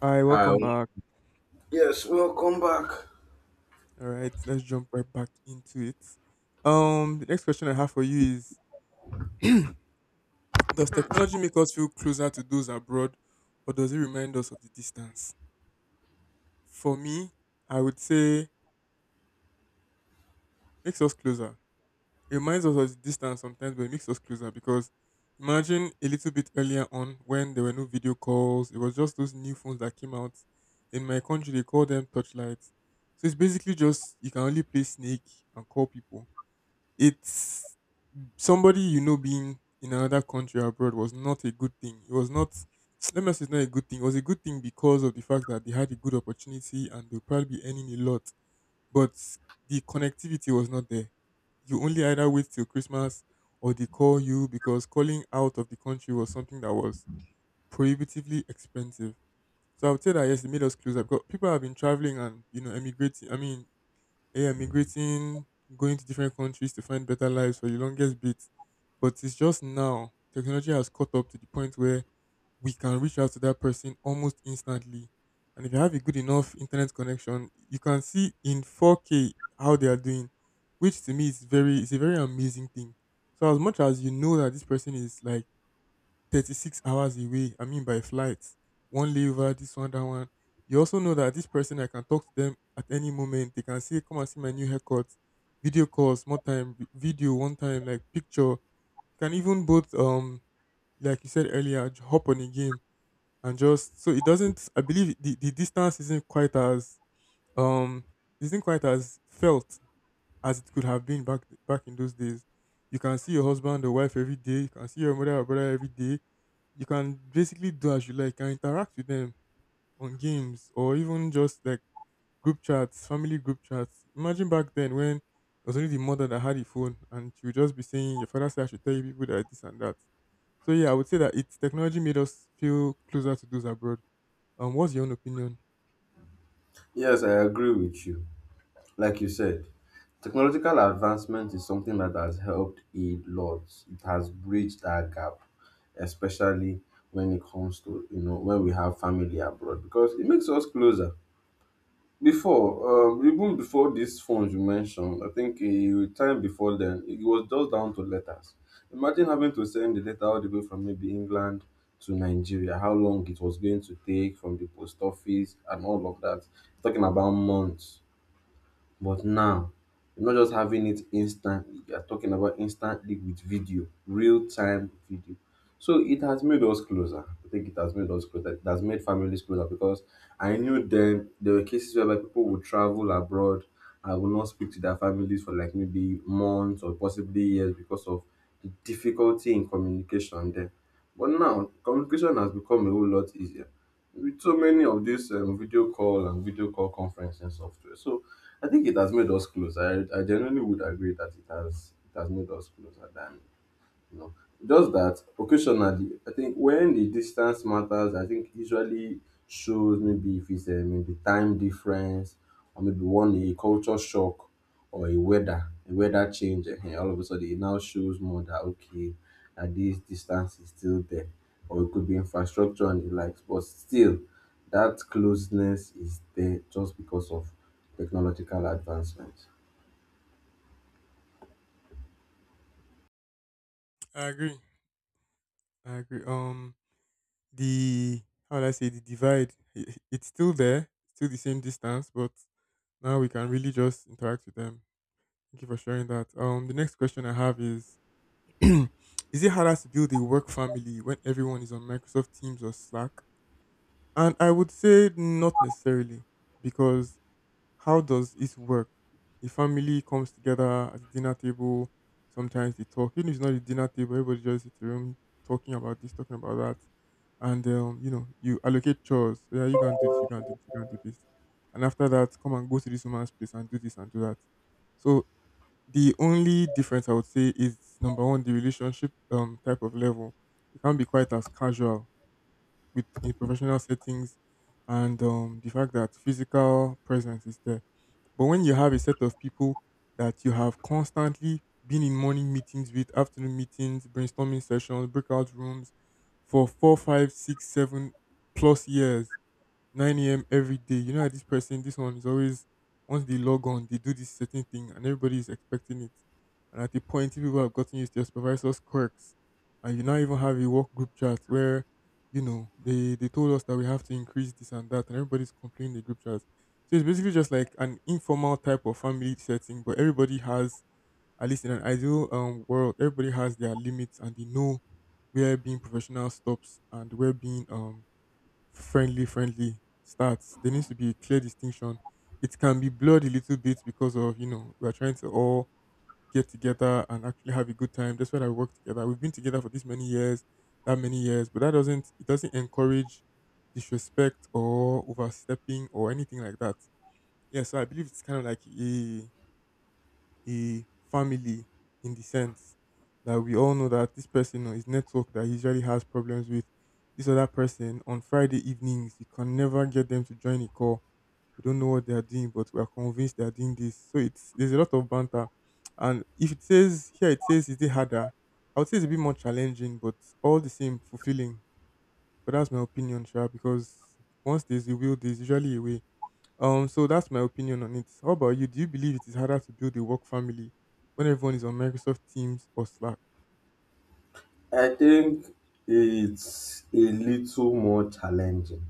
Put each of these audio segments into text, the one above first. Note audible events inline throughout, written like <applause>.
Hi, welcome Hi. back. Yes, welcome back. All right, let's jump right back into it. The next question I have for you is <clears throat> does technology make us feel closer to those abroad or does it remind us of the distance? For me, I would say makes us closer. It reminds us of the distance sometimes, but it makes us closer because imagine a little bit earlier on when there were no video calls, it was just those new phones that came out. In my country, they call them touchlights. So it's basically just you can only play snake and call people. It's somebody you know being in another country abroad was not a good thing. It was not, let me say it's not a good thing. It was a good thing because of the fact that they had a good opportunity and they'll probably be earning a lot. But the connectivity was not there. You only either wait till Christmas or they call you because calling out of the country was something that was prohibitively expensive. So I would say that yes, it made us closer because people have been traveling and you know emigrating. I mean yeah, migrating, going to different countries to find better lives for the longest bit. But it's just now technology has caught up to the point where we can reach out to that person almost instantly. And if you have a good enough internet connection, you can see in 4K how they are doing, which to me is a very amazing thing. So as much as you know that this person is like 36 hours away. I mean, by flight, one layover, this one, that one. You also know that this person, I can talk to them at any moment. They can say, come and see my new haircut, video calls, more time, video, one time, like picture. Can even both, like you said earlier, hop on a game and just so it doesn't. I believe the distance um, isn't quite as felt as it could have been back in those days. You can see your husband or wife every day. You can see your mother or brother every day. You can basically do as you like. You can interact with them on games or even just like group chats, family group chats. Imagine back then when it was only the mother that had the phone and she would just be saying, your father said I should tell you people that this and that. So yeah, I would say that it's technology made us feel closer to those abroad. What's your own opinion? Yes, I agree with you. Like you said, technological advancement is something that has helped a lot. It has bridged that gap, especially when it comes to, you know, when we have family abroad, because it makes us closer. Before, even before these phones you mentioned, I think a time before then, it was just down to letters. Imagine having to send the letter all the way from maybe England to Nigeria, how long it was going to take from the post office and all of that. Talking about months. But now, you're not just having it instantly. You're talking about instantly with video, real time video. So it has made us closer. I think it has made us closer. It has made families closer because I knew then there were cases whereby people would travel abroad and would not speak to their families for like maybe months or possibly years because of the difficulty in communication there. But now, communication has become a whole lot easier with so many of these video call and video call conferencing software. So I think it has made us closer. I genuinely would agree that it has made us closer than no. Just that occasionally, I think when the distance matters, I think usually shows maybe if it's a maybe time difference, or maybe one a culture shock, or a weather change, and all of a sudden it now shows more that okay, that this distance is still there. Or it could be infrastructure and the likes, but still that closeness is there just because of technological advancement. I agree. I agree. The how would I say the divide? It's still there, still the same distance, but now we can really just interact with them. Thank you for sharing that. The next question I have is: <clears throat> is it harder to build a work family when everyone is on Microsoft Teams or Slack? And I would say not necessarily, because how does it work? The family comes together at the dinner table. Sometimes they talk. Even if it's not the dinner table, everybody just sits in the room talking about this, talking about that. And, you know, you allocate chores. Yeah, you can do this, you can do this, you can do this. And after that, come and go to this woman's place and do this and do that. So the only difference I would say is number one, the relationship type of level. It can't be quite as casual with in professional settings and, the fact that physical presence is there, but when you have a set of people that you have constantly been in morning meetings with, afternoon meetings, brainstorming sessions, breakout rooms for four, five, six, seven plus years, 9 a.m. every day. You know, that this person, this one is always, once they log on, they do this certain thing and everybody is expecting it. And at the point, you people have gotten used to your supervisor's quirks. And you now even have a work group chat where, you know, they told us that we have to increase this and that. And everybody's complaining in the group chat. So it's basically just like an informal type of family setting, but everybody has, at least in an ideal world, everybody has their limits and they know where being professional stops and where being friendly starts. There needs to be a clear distinction. It can be blurred a little bit because of you know we're trying to all get together and actually have a good time. That's why I work together. We've been together for this many years, that many years, but that doesn't it doesn't encourage disrespect or overstepping or anything like that. Yeah, so I believe it's kind of like a family in the sense that we all know that this person or his network that he usually has problems with, this other person on Friday evenings, you can never get them to join a call. We don't know what they are doing, but we are convinced they are doing this. So it's there's a lot of banter. And if it says here it says is it harder, I would say it's a bit more challenging, but all the same fulfilling. But that's my opinion, sure, because once there's a will, there's usually a way. So that's my opinion on it. How about you? Do you believe it is harder to build a work family when everyone is on Microsoft Teams or Slack? I think it's a little more challenging,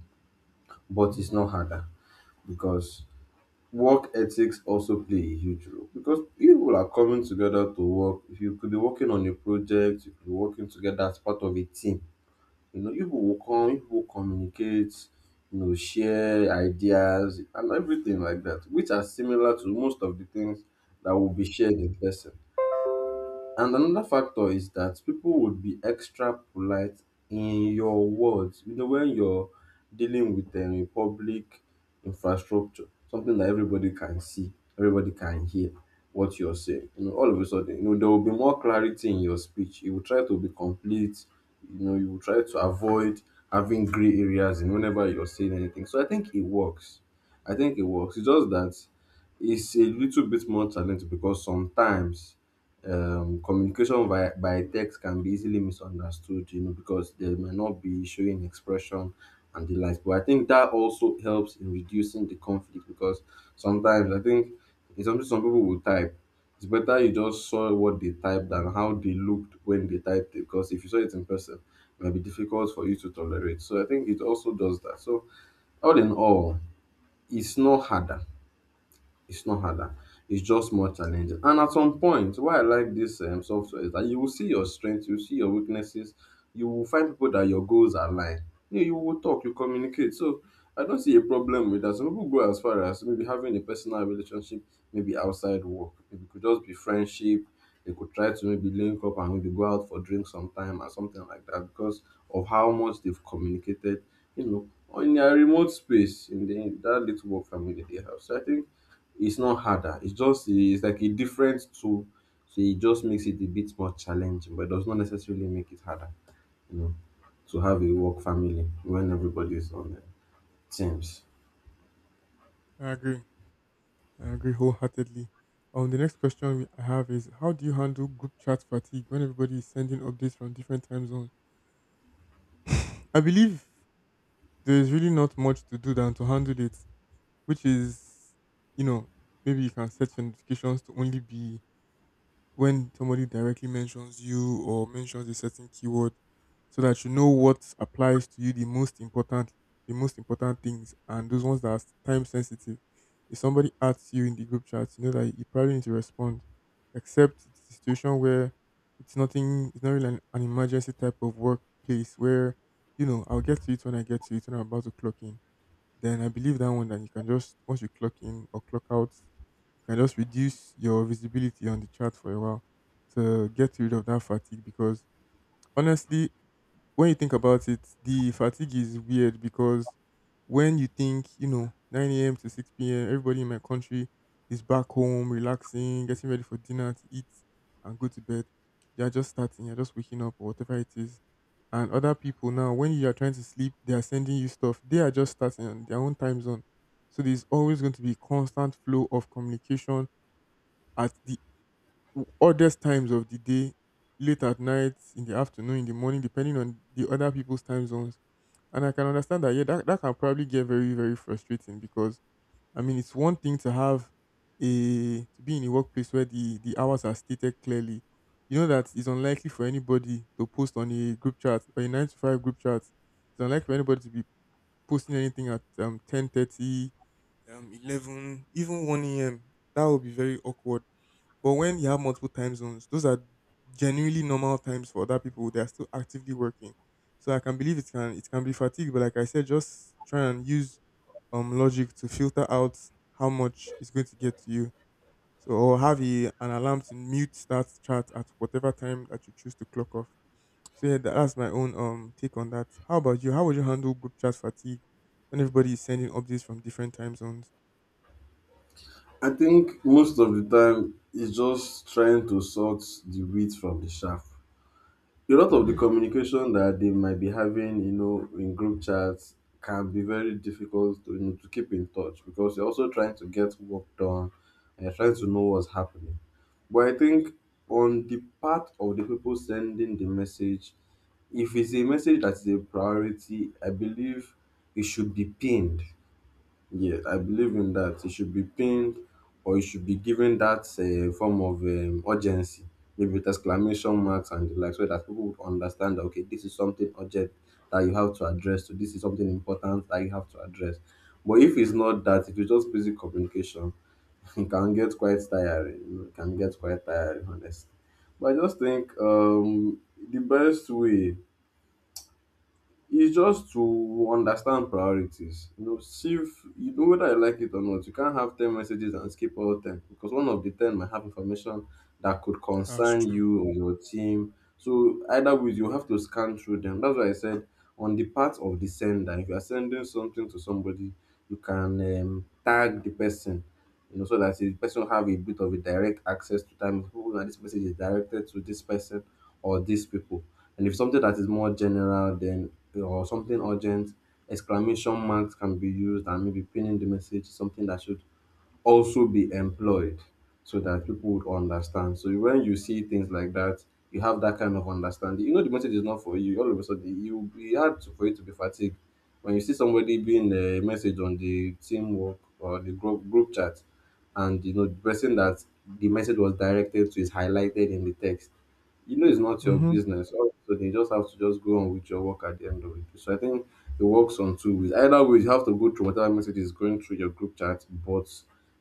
but it's Mm, not harder because work ethics also play a huge role because people are coming together to work. If you could be working on a project, you could be working together as part of a team. You know, people will come, people will communicate, you know, share ideas and everything like that, which are similar to most of the things that will be shared in person. And another factor is that people would be extra polite in your words. You know, when you're dealing with a public infrastructure, something that everybody can see, everybody can hear what you're saying. You know, all of a sudden, you know, there will be more clarity in your speech. You will try to be complete. You know, you will try to avoid having gray areas in whenever you're saying anything. So I think it works. I think it works. It's just that it's a little bit more challenging because sometimes communication by text can be easily misunderstood, you know, because they may not be showing expression and the likes. But I think that also helps in reducing the conflict because sometimes I think it's something some people will type. It's better you just saw what they typed than how they looked when they typed it because if you saw it in person, it might be difficult for you to tolerate. So I think it also does that. So all in all, it's not harder it's not harder. It's just more challenging. And at some point, why I like this software is that you will see your strengths, you will see your weaknesses, you will find people that your goals align. You, know, you will talk, you communicate. So I don't see a problem with that. Some people go as far as maybe having a personal relationship, maybe outside work. Maybe it could just be friendship. They could try to maybe link up and maybe go out for drinks sometime or something like that because of how much they've communicated, you know, on their remote space in the in that little work family they have. So I think it's not harder. It's just it's like a different tool, so it just makes it a bit more challenging, but does not necessarily make it harder, you know, to have a work family when everybody is on the teams. I agree. I agree wholeheartedly. The next question I have is how do you handle group chat fatigue when everybody is sending updates from different time zones? I believe there is really not much to do than to handle it, which is, you know, maybe you can set your notifications to only be when somebody directly mentions you or mentions a certain keyword so that you know what applies to you the most important things and those ones that are time sensitive. If somebody asks you in the group chat you know that you probably need to respond, except it's a situation where it's nothing, it's not really an emergency type of workplace where, you know, I'll get to it when I get to it. When I'm about to clock in, then I believe that one that you can just, once you clock in or clock out, you can just reduce your visibility on the chart for a while to get rid of that fatigue, because honestly when you think about it, the fatigue is weird because when you think, you know, 9 a.m. to 6 p.m., everybody in my country is back home, relaxing, getting ready for dinner to eat and go to bed. You're just starting, you're just waking up or whatever it is. And other people now, when you are trying to sleep, they are sending you stuff. They are just starting on their own time zone. So there's always going to be constant flow of communication at the oddest times of the day, late at night, in the afternoon, in the morning, depending on the other people's time zones. And I can understand that, yeah, that can probably get very, very frustrating because, I mean, it's one thing to have a, to be in a workplace where the hours are stated clearly. You know that it's unlikely for anybody to post on a group chat or a 9 to 5 group chat. It's unlikely for anybody to be posting anything at 10:30, 11, even 1 a.m. That would be very awkward. But when you have multiple time zones, those are genuinely normal times for other people. They are still actively working. So I can believe it can be fatigue, but like I said, just try and use logic to filter out how much is going to get to you. So or have a, an alarm to mute start chat at whatever time that you choose to clock off. So yeah, that's my own take on that. How about you? How would you handle group chat fatigue when everybody is sending updates from different time zones? I think most of the time it's just trying to sort the wheat from the chaff. A lot of the Mm-hmm. communication that they might be having, you know, in group chats can be very difficult to, you know, to keep in touch because you're also trying to get work done and you're trying to know what's happening. But I think on the part of the people sending the message, if it's a message that is a priority, I believe it should be pinned. Yeah, I believe in that. It should be pinned, or it should be given that form of urgency, maybe with exclamation marks and the like, so that people would understand that, okay, this is something urgent that you have to address, so this is something important that you have to address. But if it's not that, if it's just basic communication, <laughs> it can get quite tiring. You know, it can get quite tiring, honestly. But I just think the best way it's just to understand priorities. You know, see if you know whether you like it or not. You can't have 10 messages and skip all 10 because one of the 10 might have information that could That's concern true. you or your team. So, either way, you have to scan through them. That's why I said on the part of the sender, if you are sending something to somebody, you can tag the person, you know, so that the person have a bit of a direct access to time. Oh, now this message is directed to this person or these people. And if something that is more general, then or something urgent, exclamation marks can be used and maybe pinning the message something that should also be employed so that people would understand. So when you see things like that, you have that kind of understanding. You know the message is not for you. All of a sudden, you will be hard to, for you to be fatigued. When you see somebody being a message on the teamwork or the group chat, and you know the person that the message was directed to is highlighted in the text, you know it's not your Mm-hmm. business. So you just have to just go on with your work at the end of it. So I think it works on two ways. Either way, you have to go through whatever message is going through your group chat, but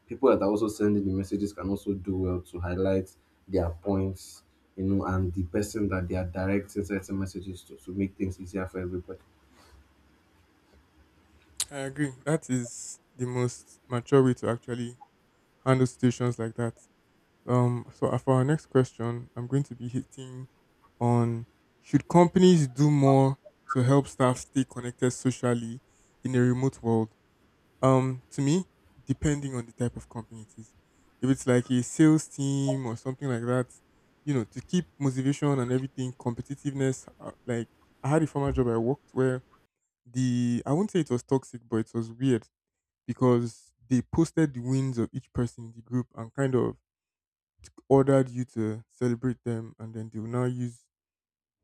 people that are also sending the messages can also do well to highlight their points, you know, and the person that they are directing certain messages to make things easier for everybody. I agree. That is the most mature way to actually handle situations like that. So for our next question, I'm going to be hitting on should companies do more to help staff stay connected socially in a remote world? To me, depending on the type of company it is. If it's like a sales team or something like that, you know, to keep motivation and everything, competitiveness. Like, I had a former job I worked where the I won't say it was toxic, but it was weird because they posted the wins of each person in the group and kind of ordered you to celebrate them, and then they will now use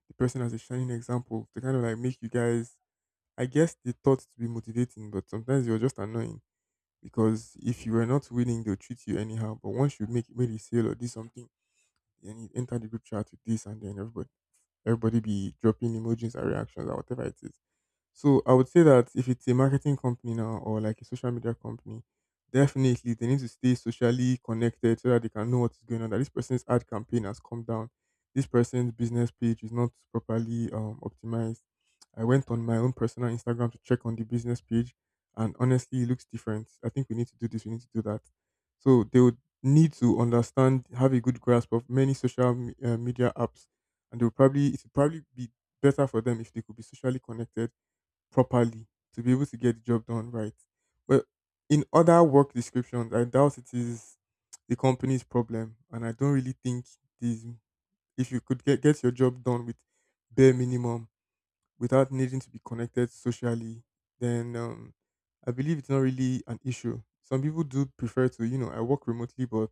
the person as a shining example to kind of like make you guys, I guess they thought, to be motivating. But sometimes you're just annoying, because if you were not winning, they'll treat you anyhow. But once you make made a sale or do something, then you enter the group chat with this, and then everybody be dropping emojis and reactions or whatever it is. So I would say that if it's a marketing company now, or like a social media company, definitely they need to stay socially connected so that they can know what's going on. That this person's ad campaign has come down, this person's business page is not properly optimized. I went on my own personal Instagram to check on the business page, and honestly, it looks different. I think we need to do this. We need to do that. So they would need to understand, have a good grasp of many media apps, and they would probably it would probably be better for them if they could be socially connected properly to be able to get the job done right. But in other work descriptions, I doubt it is the company's problem, and I don't really think this. If you could get your job done with bare minimum without needing to be connected socially, then I believe it's not really an issue. Some people do prefer to, you know, I work remotely, but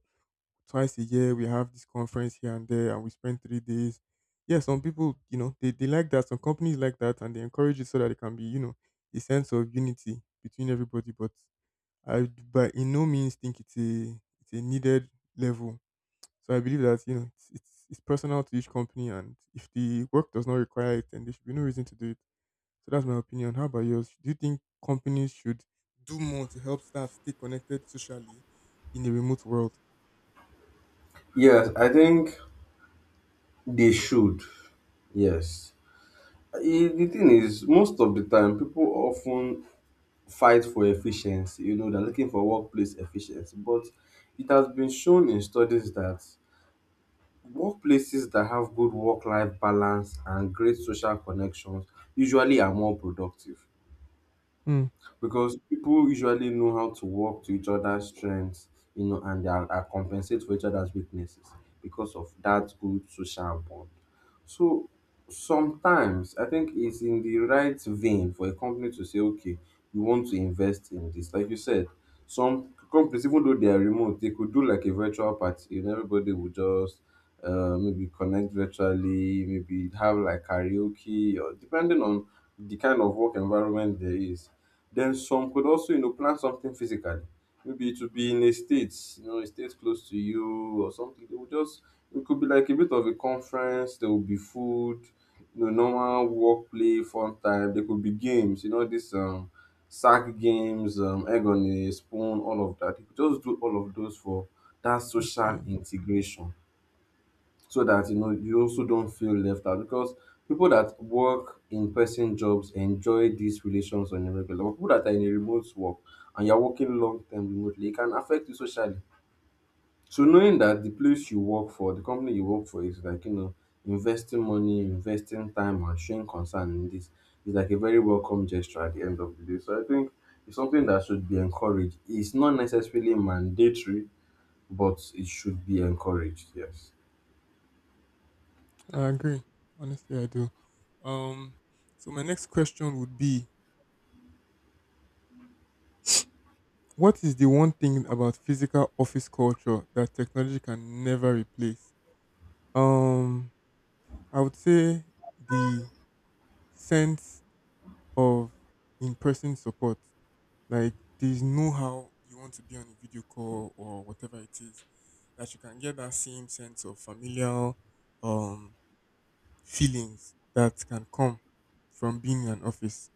twice a year we have this conference here and there and we spend 3 days. Yeah, some people, you know, they like that. Some companies like that and they encourage it so that it can be, you know, a sense of unity between everybody. But by in no means think it's a needed level. So I believe that, you know, it's personal to each company, and if the work does not require it, then there should be no reason to do it. So that's my opinion. How about yours? Do you think companies should do more to help staff stay connected socially in the remote world? Yes, I think they should. Yes. Eh, the thing is, most of the time, people often fight for efficiency. You know, they're looking for workplace efficiency. But it has been shown in studies that workplaces that have good work life balance and great social connections usually are more productive, Hmm. because people usually know how to work to each other's strengths, you know, and they are compensate for each other's weaknesses because of that good social bond. So sometimes I think it's in the right vein for a company to say, okay, we want to invest in this. Like you said, some companies, even though they are remote, they could do like a virtual party and everybody would just maybe connect virtually, maybe have like karaoke or depending on the kind of work environment there is. Then some could also, you know, plan something physically, maybe it would be in a state, you know, a state close to you or something. They would just it could be like a bit of a conference. There would be food, you know, normal work play, fun time. There could be games, you know, this sack games, egg on a spoon, all of that. You could just do all of those for that social Okay. integration, so that you know you also don't feel left out because people that work in person jobs enjoy these relations on a regular, but people that are in a remote work and you're working long term remotely, it can affect you socially. So knowing that the place you work for, the company you work for, is like, you know, investing money, investing time, and showing concern in this is like a very welcome gesture at the end of the day. So I think it's something that should be encouraged. It's not necessarily mandatory, but it should be encouraged, yes. I agree. Honestly, I do. Um, so my next question would be: what is the one thing about physical office culture that technology can never replace? Um, I would say the sense of in-person support. Like, there's no how you want to be on a video call or whatever it is that you can get that same sense of familial um feelings that can come from being in an office.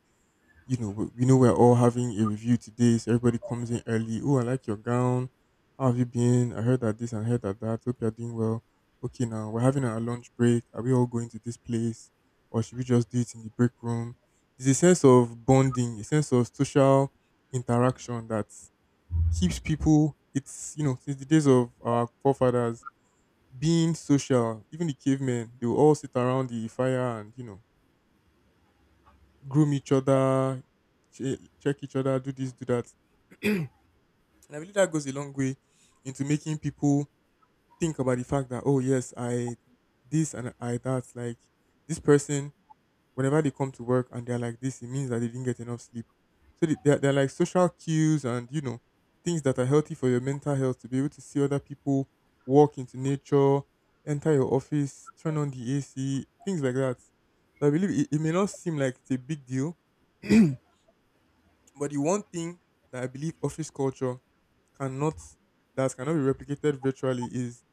You know, we know we're all having a review today, so everybody comes in early. Oh, I like your gown. How have you been? I heard that this and heard that that. Hope you're doing well. Okay, now we're having our lunch break. Are we all going to this place, or should we just do it in the break room? There's a sense of bonding, a sense of social interaction that keeps people. It's, you know, since the days of our forefathers, being social, even the cavemen, they will all sit around the fire and, you know, groom each other, check each other, do this, do that. <clears throat> And I believe that goes a long way into making people think about the fact that, oh, yes, I this and I that. Like this person, whenever they come to work and they're like this, it means that they didn't get enough sleep. So they're like social cues, and, you know, things that are healthy for your mental health to be able to see other people, walk into nature, enter your office, turn on the AC, things like that. So I believe it, it may not seem like it's a big deal. <clears throat> But the one thing that I believe office culture cannot that cannot be replicated virtually is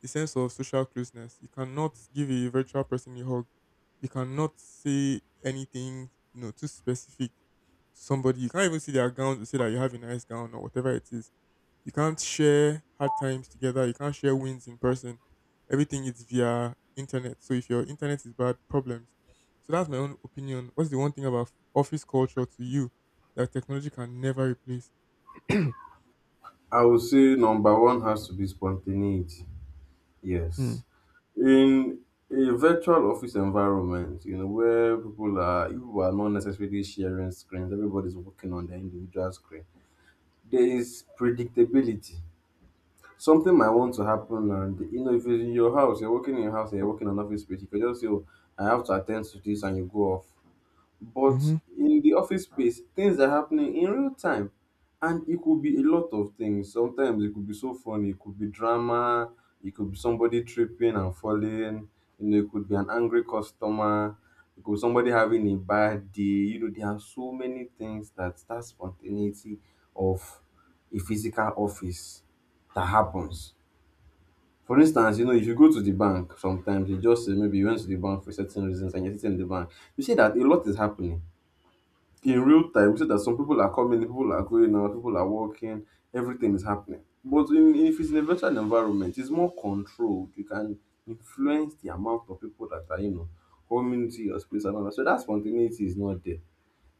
the sense of social closeness. You cannot give a virtual person a hug. You cannot say anything, you know, too specific to somebody. You can't even see their gown to say that you have a nice gown or whatever it is. You can't share hard times together. You can't share wins in person. Everything is via internet. So if your internet is bad, problems. So that's my own opinion. What's the one thing about office culture to you that technology can never replace? <clears throat> I would say number one has to be spontaneity. Hmm. Yes. In a virtual office environment, you know, where people are you are not necessarily sharing screens, everybody's working on their individual screen. There is predictability. Something might want to happen and you know, if it's in your house, you're working in your house and you're working in an office space, you can just say, "Oh, I have to attend to this," and you go off. But Mhm. in the office space, things are happening in real time. And it could be a lot of things. Sometimes it could be so funny, it could be drama, it could be somebody tripping and falling, you know, it could be an angry customer, it could be somebody having a bad day. You know, there are so many things, that spontaneity of a physical office that happens. For instance, you know, if you go to the bank, sometimes you just say maybe you went to the bank for certain reasons and you're sitting in the bank, you see that a lot is happening in real time. We see that some people are coming, people are going out, people are walking, everything is happening. But in, if it's in a virtual environment, it's more controlled. You can influence the amount of people that are, you know, coming to your space and all that. So that spontaneity is not there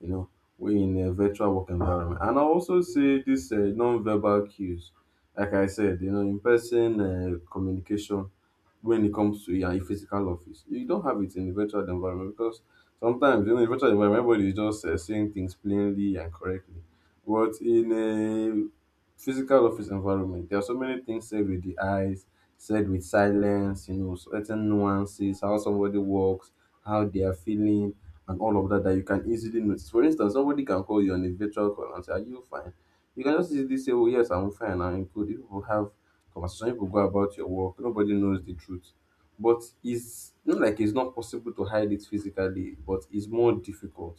you know, we're in a virtual work environment. And I also see this non-verbal cues, like I said, you know, in-person communication when it comes to your physical office. You don't have it in the virtual environment because sometimes, you know, in virtual environment, everybody is just saying things plainly and correctly. But in a physical office environment, there are so many things said with the eyes, said with silence, you know, certain nuances, how somebody walks, how they are feeling, and all of that that you can easily notice. For instance, somebody can call you on a virtual call and say, "Are you fine?" You can just easily say, "Oh, yes, I'm fine." And include people have conversation, people go about your work. Nobody knows the truth. But it's not like it's not possible to hide it physically, but it's more difficult.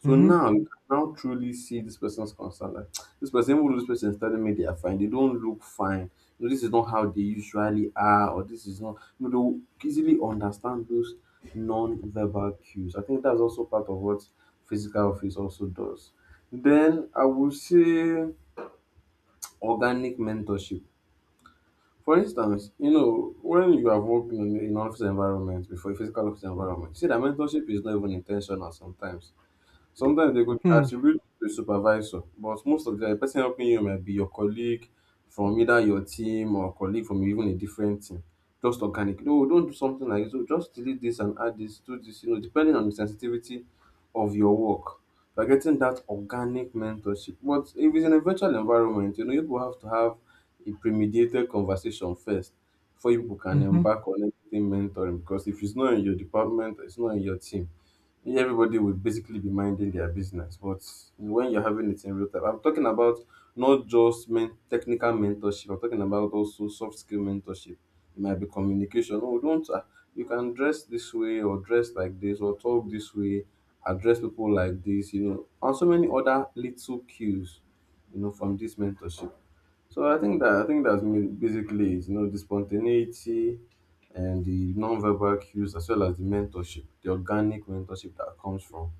So Mhm. now you can now truly see this person's concern. Like, <tsk> this person, even though this person is telling me they are fine, they don't look fine. You know, this is not how they usually are, or this is not, you know, they will easily understand those non-verbal cues. I think that's also part of what physical office also does. Then I would say organic mentorship. For instance, you know, when you are working in an office environment before a physical office environment, see that mentorship is not even intentional sometimes. Sometimes they could Hmm. attribute to supervisor, but most of the time, the person helping you might be your colleague from either your team or colleague from even a different team. Just organic. No, don't do something like this. Oh, just delete this and add this, do this, you know, depending on the sensitivity of your work. You're getting that organic mentorship. But if it's in a virtual environment, you know, you will have to have a premediated conversation first before you people can Mhm. embark on anything mentoring. Because if it's not in your department, it's not in your team, everybody would basically be minding their business. But when you're having it in real time, I'm talking about not just technical mentorship. I'm talking about also soft skill mentorship. It might be communication. Oh, don't you can dress this way or dress like this or talk this way, address people like this, you know, and so many other little cues, you know, from this mentorship. So I think that's basically it. You know, the spontaneity and the non-verbal cues, as well as the mentorship, the organic mentorship that comes from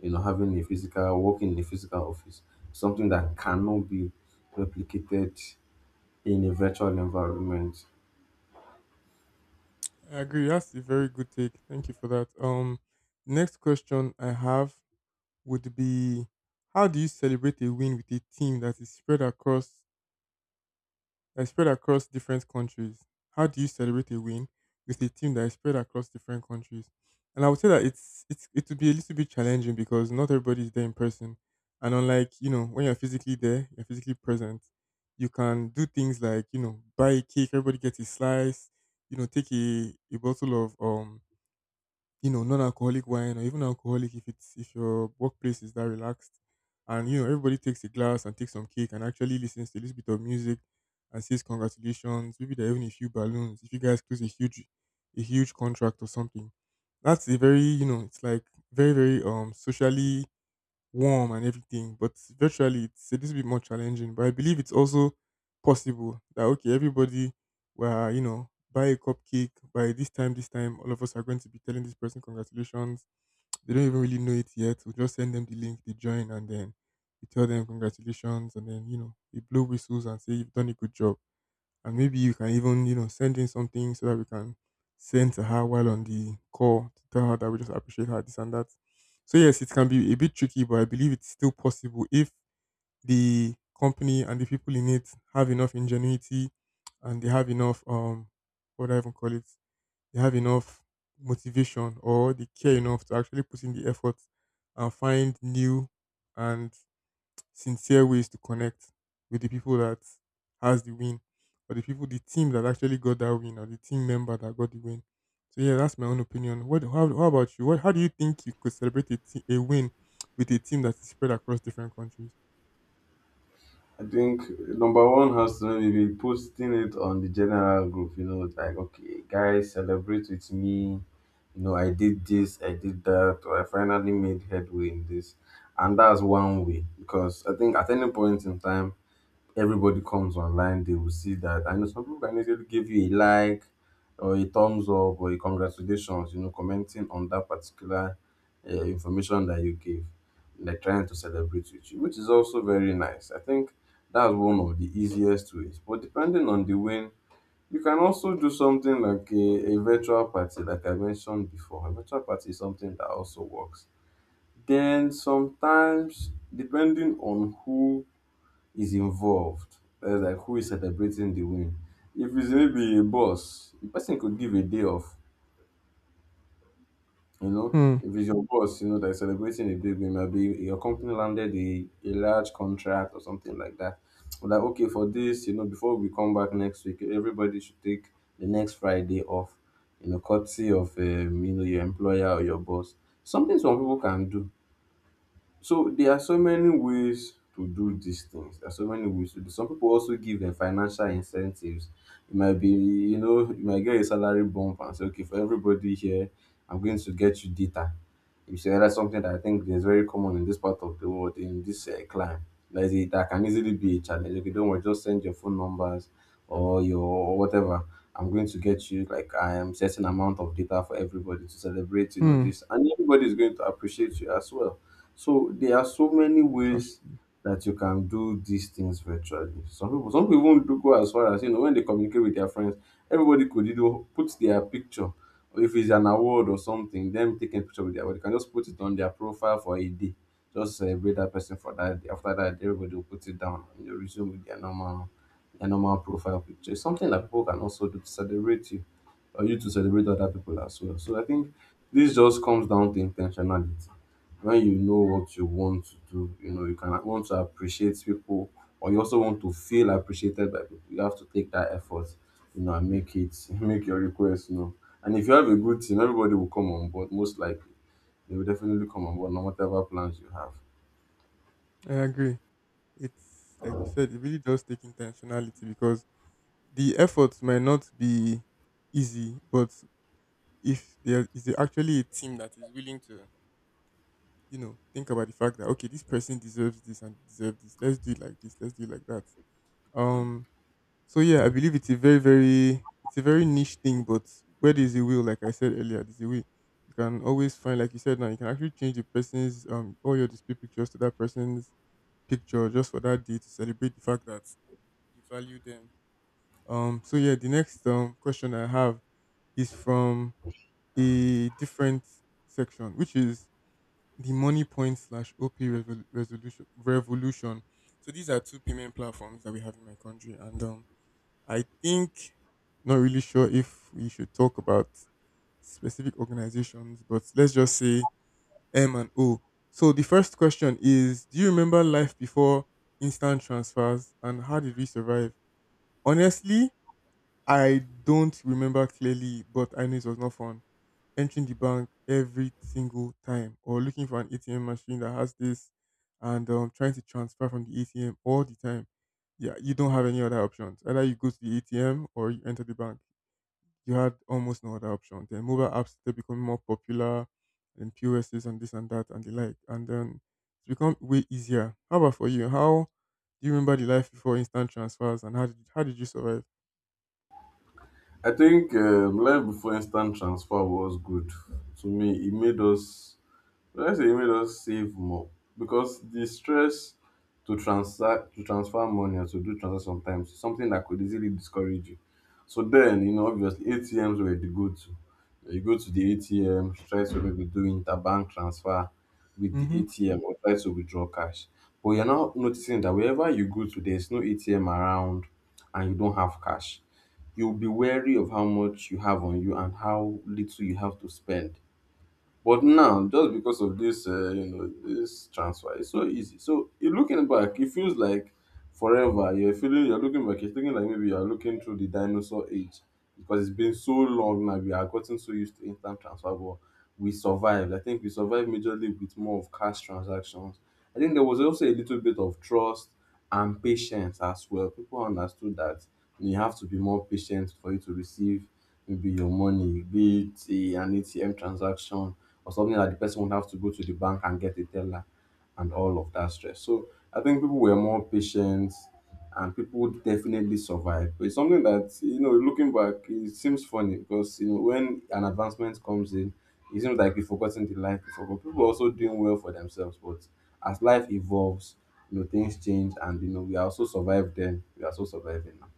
you know having a physical working in a physical office, something that cannot be replicated in a virtual environment. I agree. That's a very good take. Thank you for that. Next question I have would be, how do you celebrate a win with a team that is spread across different countries? How do you celebrate a win with a team that is spread across different countries? And I would say that it would be a little bit challenging because not everybody is there in person. And unlike, you know, when you're physically there, you're physically present, you can do things like, you know, buy a cake, everybody gets a slice, you know, take a bottle of you know, non-alcoholic wine, or even alcoholic if it's if your workplace is that relaxed. And you know, everybody takes a glass and takes some cake and actually listens to a little bit of music and says congratulations. Maybe there are even a few balloons, if you guys close a huge contract or something. That's a very, you know, it's like very socially warm and everything. But virtually, it's a little bit more challenging. But I believe it's also possible that, okay, everybody, were you know, buy a cupcake, by this time, all of us are going to be telling this person congratulations. They don't even really know it yet. We just send them the link, they join, and then we tell them congratulations, and then, you know, we blow whistles and say you've done a good job, and maybe you can even, you know, send in something so that we can send to her while on the call to tell her that we just appreciate her, this and that. So yes, it can be a bit tricky, but I believe it's still possible if the company and the people in it have enough ingenuity and they have enough what do I even call it, they have enough motivation, or they care enough to actually put in the effort and find new and sincere ways to connect with the people that has the win, or the team that actually got that win, or the team member that got the win. So yeah, that's my own opinion. What, how about you? What how do you think you could celebrate a, a win with a team that is spread across different countries? I think number one has to maybe be posting it on the general group, you know, like, okay, guys, celebrate with me. You know, I did this, I did that, or I finally made headway in this. And that's one way because I think at any point in time, everybody comes online, they will see that. I know some people can easily give you a like or a thumbs up or a congratulations, you know, commenting on that particular information that you gave. They're trying to celebrate with you, which is also very nice. I think that's one of the easiest ways. But depending on the win, you can also do something like a virtual party, like I mentioned before. A virtual party is something that also works. Then sometimes, depending on who is involved. That's like who is celebrating the win. If it's maybe a boss, the person could give a day off. You know, Hmm. if it's your boss, you know, that's celebrating a big win, maybe your company landed a large contract or something like that. But like, okay, for this, you know, before we come back next week, everybody should take the next Friday off, you know, courtesy of you know, your employer or your boss. Something some people can do, so there are so many ways to do these things. There are so many ways to do. Some people also give them financial incentives. It might be, you know, you might get a salary bump and say, okay, for everybody here, I'm going to get you data. You see, that's something that I think is very common in this part of the world, in this climb. That, is, that can easily be a challenge. Okay, don't worry, just send your phone numbers or your whatever. I'm going to get you like I am certain amount of data for everybody to celebrate, you know, Hmm. this. And everybody is going to appreciate you as well, so there are so many That's ways true. that you can do these things virtually. Some people even do go as far as you know when they communicate with their friends. Everybody could you know put their picture, or if it's an award or something, them taking a picture with their award, they can just put it on their profile for a day. Just celebrate that person for that day. After that, everybody will put it down and they resume with their normal profile picture. It's something that people can also do to celebrate you or you to celebrate other people as well. So I think this just comes down to intentionality. When you know what you want to do, you know, you can want to appreciate people or you also want to feel appreciated by people. You have to take that effort, you know, and make it <laughs> make your request you know. And if you have a good team, everybody will come on board. Most likely, they will definitely come on board, no whatever plans you have. I agree. It's like you said, it really does take intentionality, because the efforts might not be easy, but if there is actually a team that is willing to, you know, think about the fact that, okay, this person deserves this and deserves this. Let's do it like this. Let's do it like that. Um. So yeah, I believe it's a very it's a very niche thing, but where there's a will, like I said earlier, there's a will you can always find. Like you said, now you can actually change the person's all your display pictures to that person's picture just for that day to celebrate the fact that you value them. So yeah, the next question I have is from a different section, which is the money point slash resolution revolution. So these are two payment platforms that we have in my country, and I think, not really sure if we should talk about specific organizations, but let's just say m and o. So the first question is, do you remember life before instant transfers, and how did we survive? Honestly, I don't remember clearly, but I know it was not fun entering the bank every single time, or looking for an ATM machine that has this, and trying to transfer from the ATM all the time. Yeah, you don't have any other options. Either you go to the ATM or you enter the bank. You had almost no other option. Then mobile apps, they're becoming more popular, and POSs and this and that and the like. And then it's become way easier. How about for you? How do you remember the life before instant transfers, and how did you survive? I think life before instant transfer was good. To me, it made us, let's say it made us save more because the stress to transact to transfer money or to do transaction sometimes is something that could easily discourage you. So then, you know, obviously ATMs were the go-to. You go to the ATM, try to maybe do interbank transfer with the Mm-hmm. ATM or try to withdraw cash. But you're now noticing that wherever you go to, there's no ATM around and you don't have cash. You'll be wary of how much you have on you and how little you have to spend, but now, just because of this, you know, this transfer, it's so easy. So you're looking back, it feels like forever. You're feeling, you're looking back, you're thinking like maybe you're looking through the dinosaur age because it's been so long now. We are gotten so used to instant transfer, but we survived. I think we survived majorly with more of cash transactions. I think there was also a little bit of trust and patience as well. People understood that you have to be more patient for you to receive maybe your money, be it an ATM transaction or something that the person would have to go to the bank and get a teller and all of that stress. So I think people were more patient and people would definitely survive. But it's something that, you know, looking back, it seems funny because, you know, when an advancement comes in, it seems like we've forgotten the life before. But people are also doing well for themselves. But as life evolves, you know, things change and, you know, we are also survive then. We are also surviving now.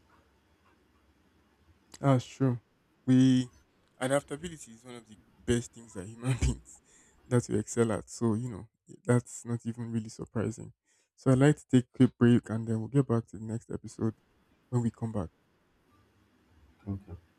Ah, sure. We, adaptability is one of the best things that human <laughs> beings that we excel at. So you know, that's not even really surprising. So I'd like to take a quick break, and then we'll get back to the next episode when we come back. Thank you.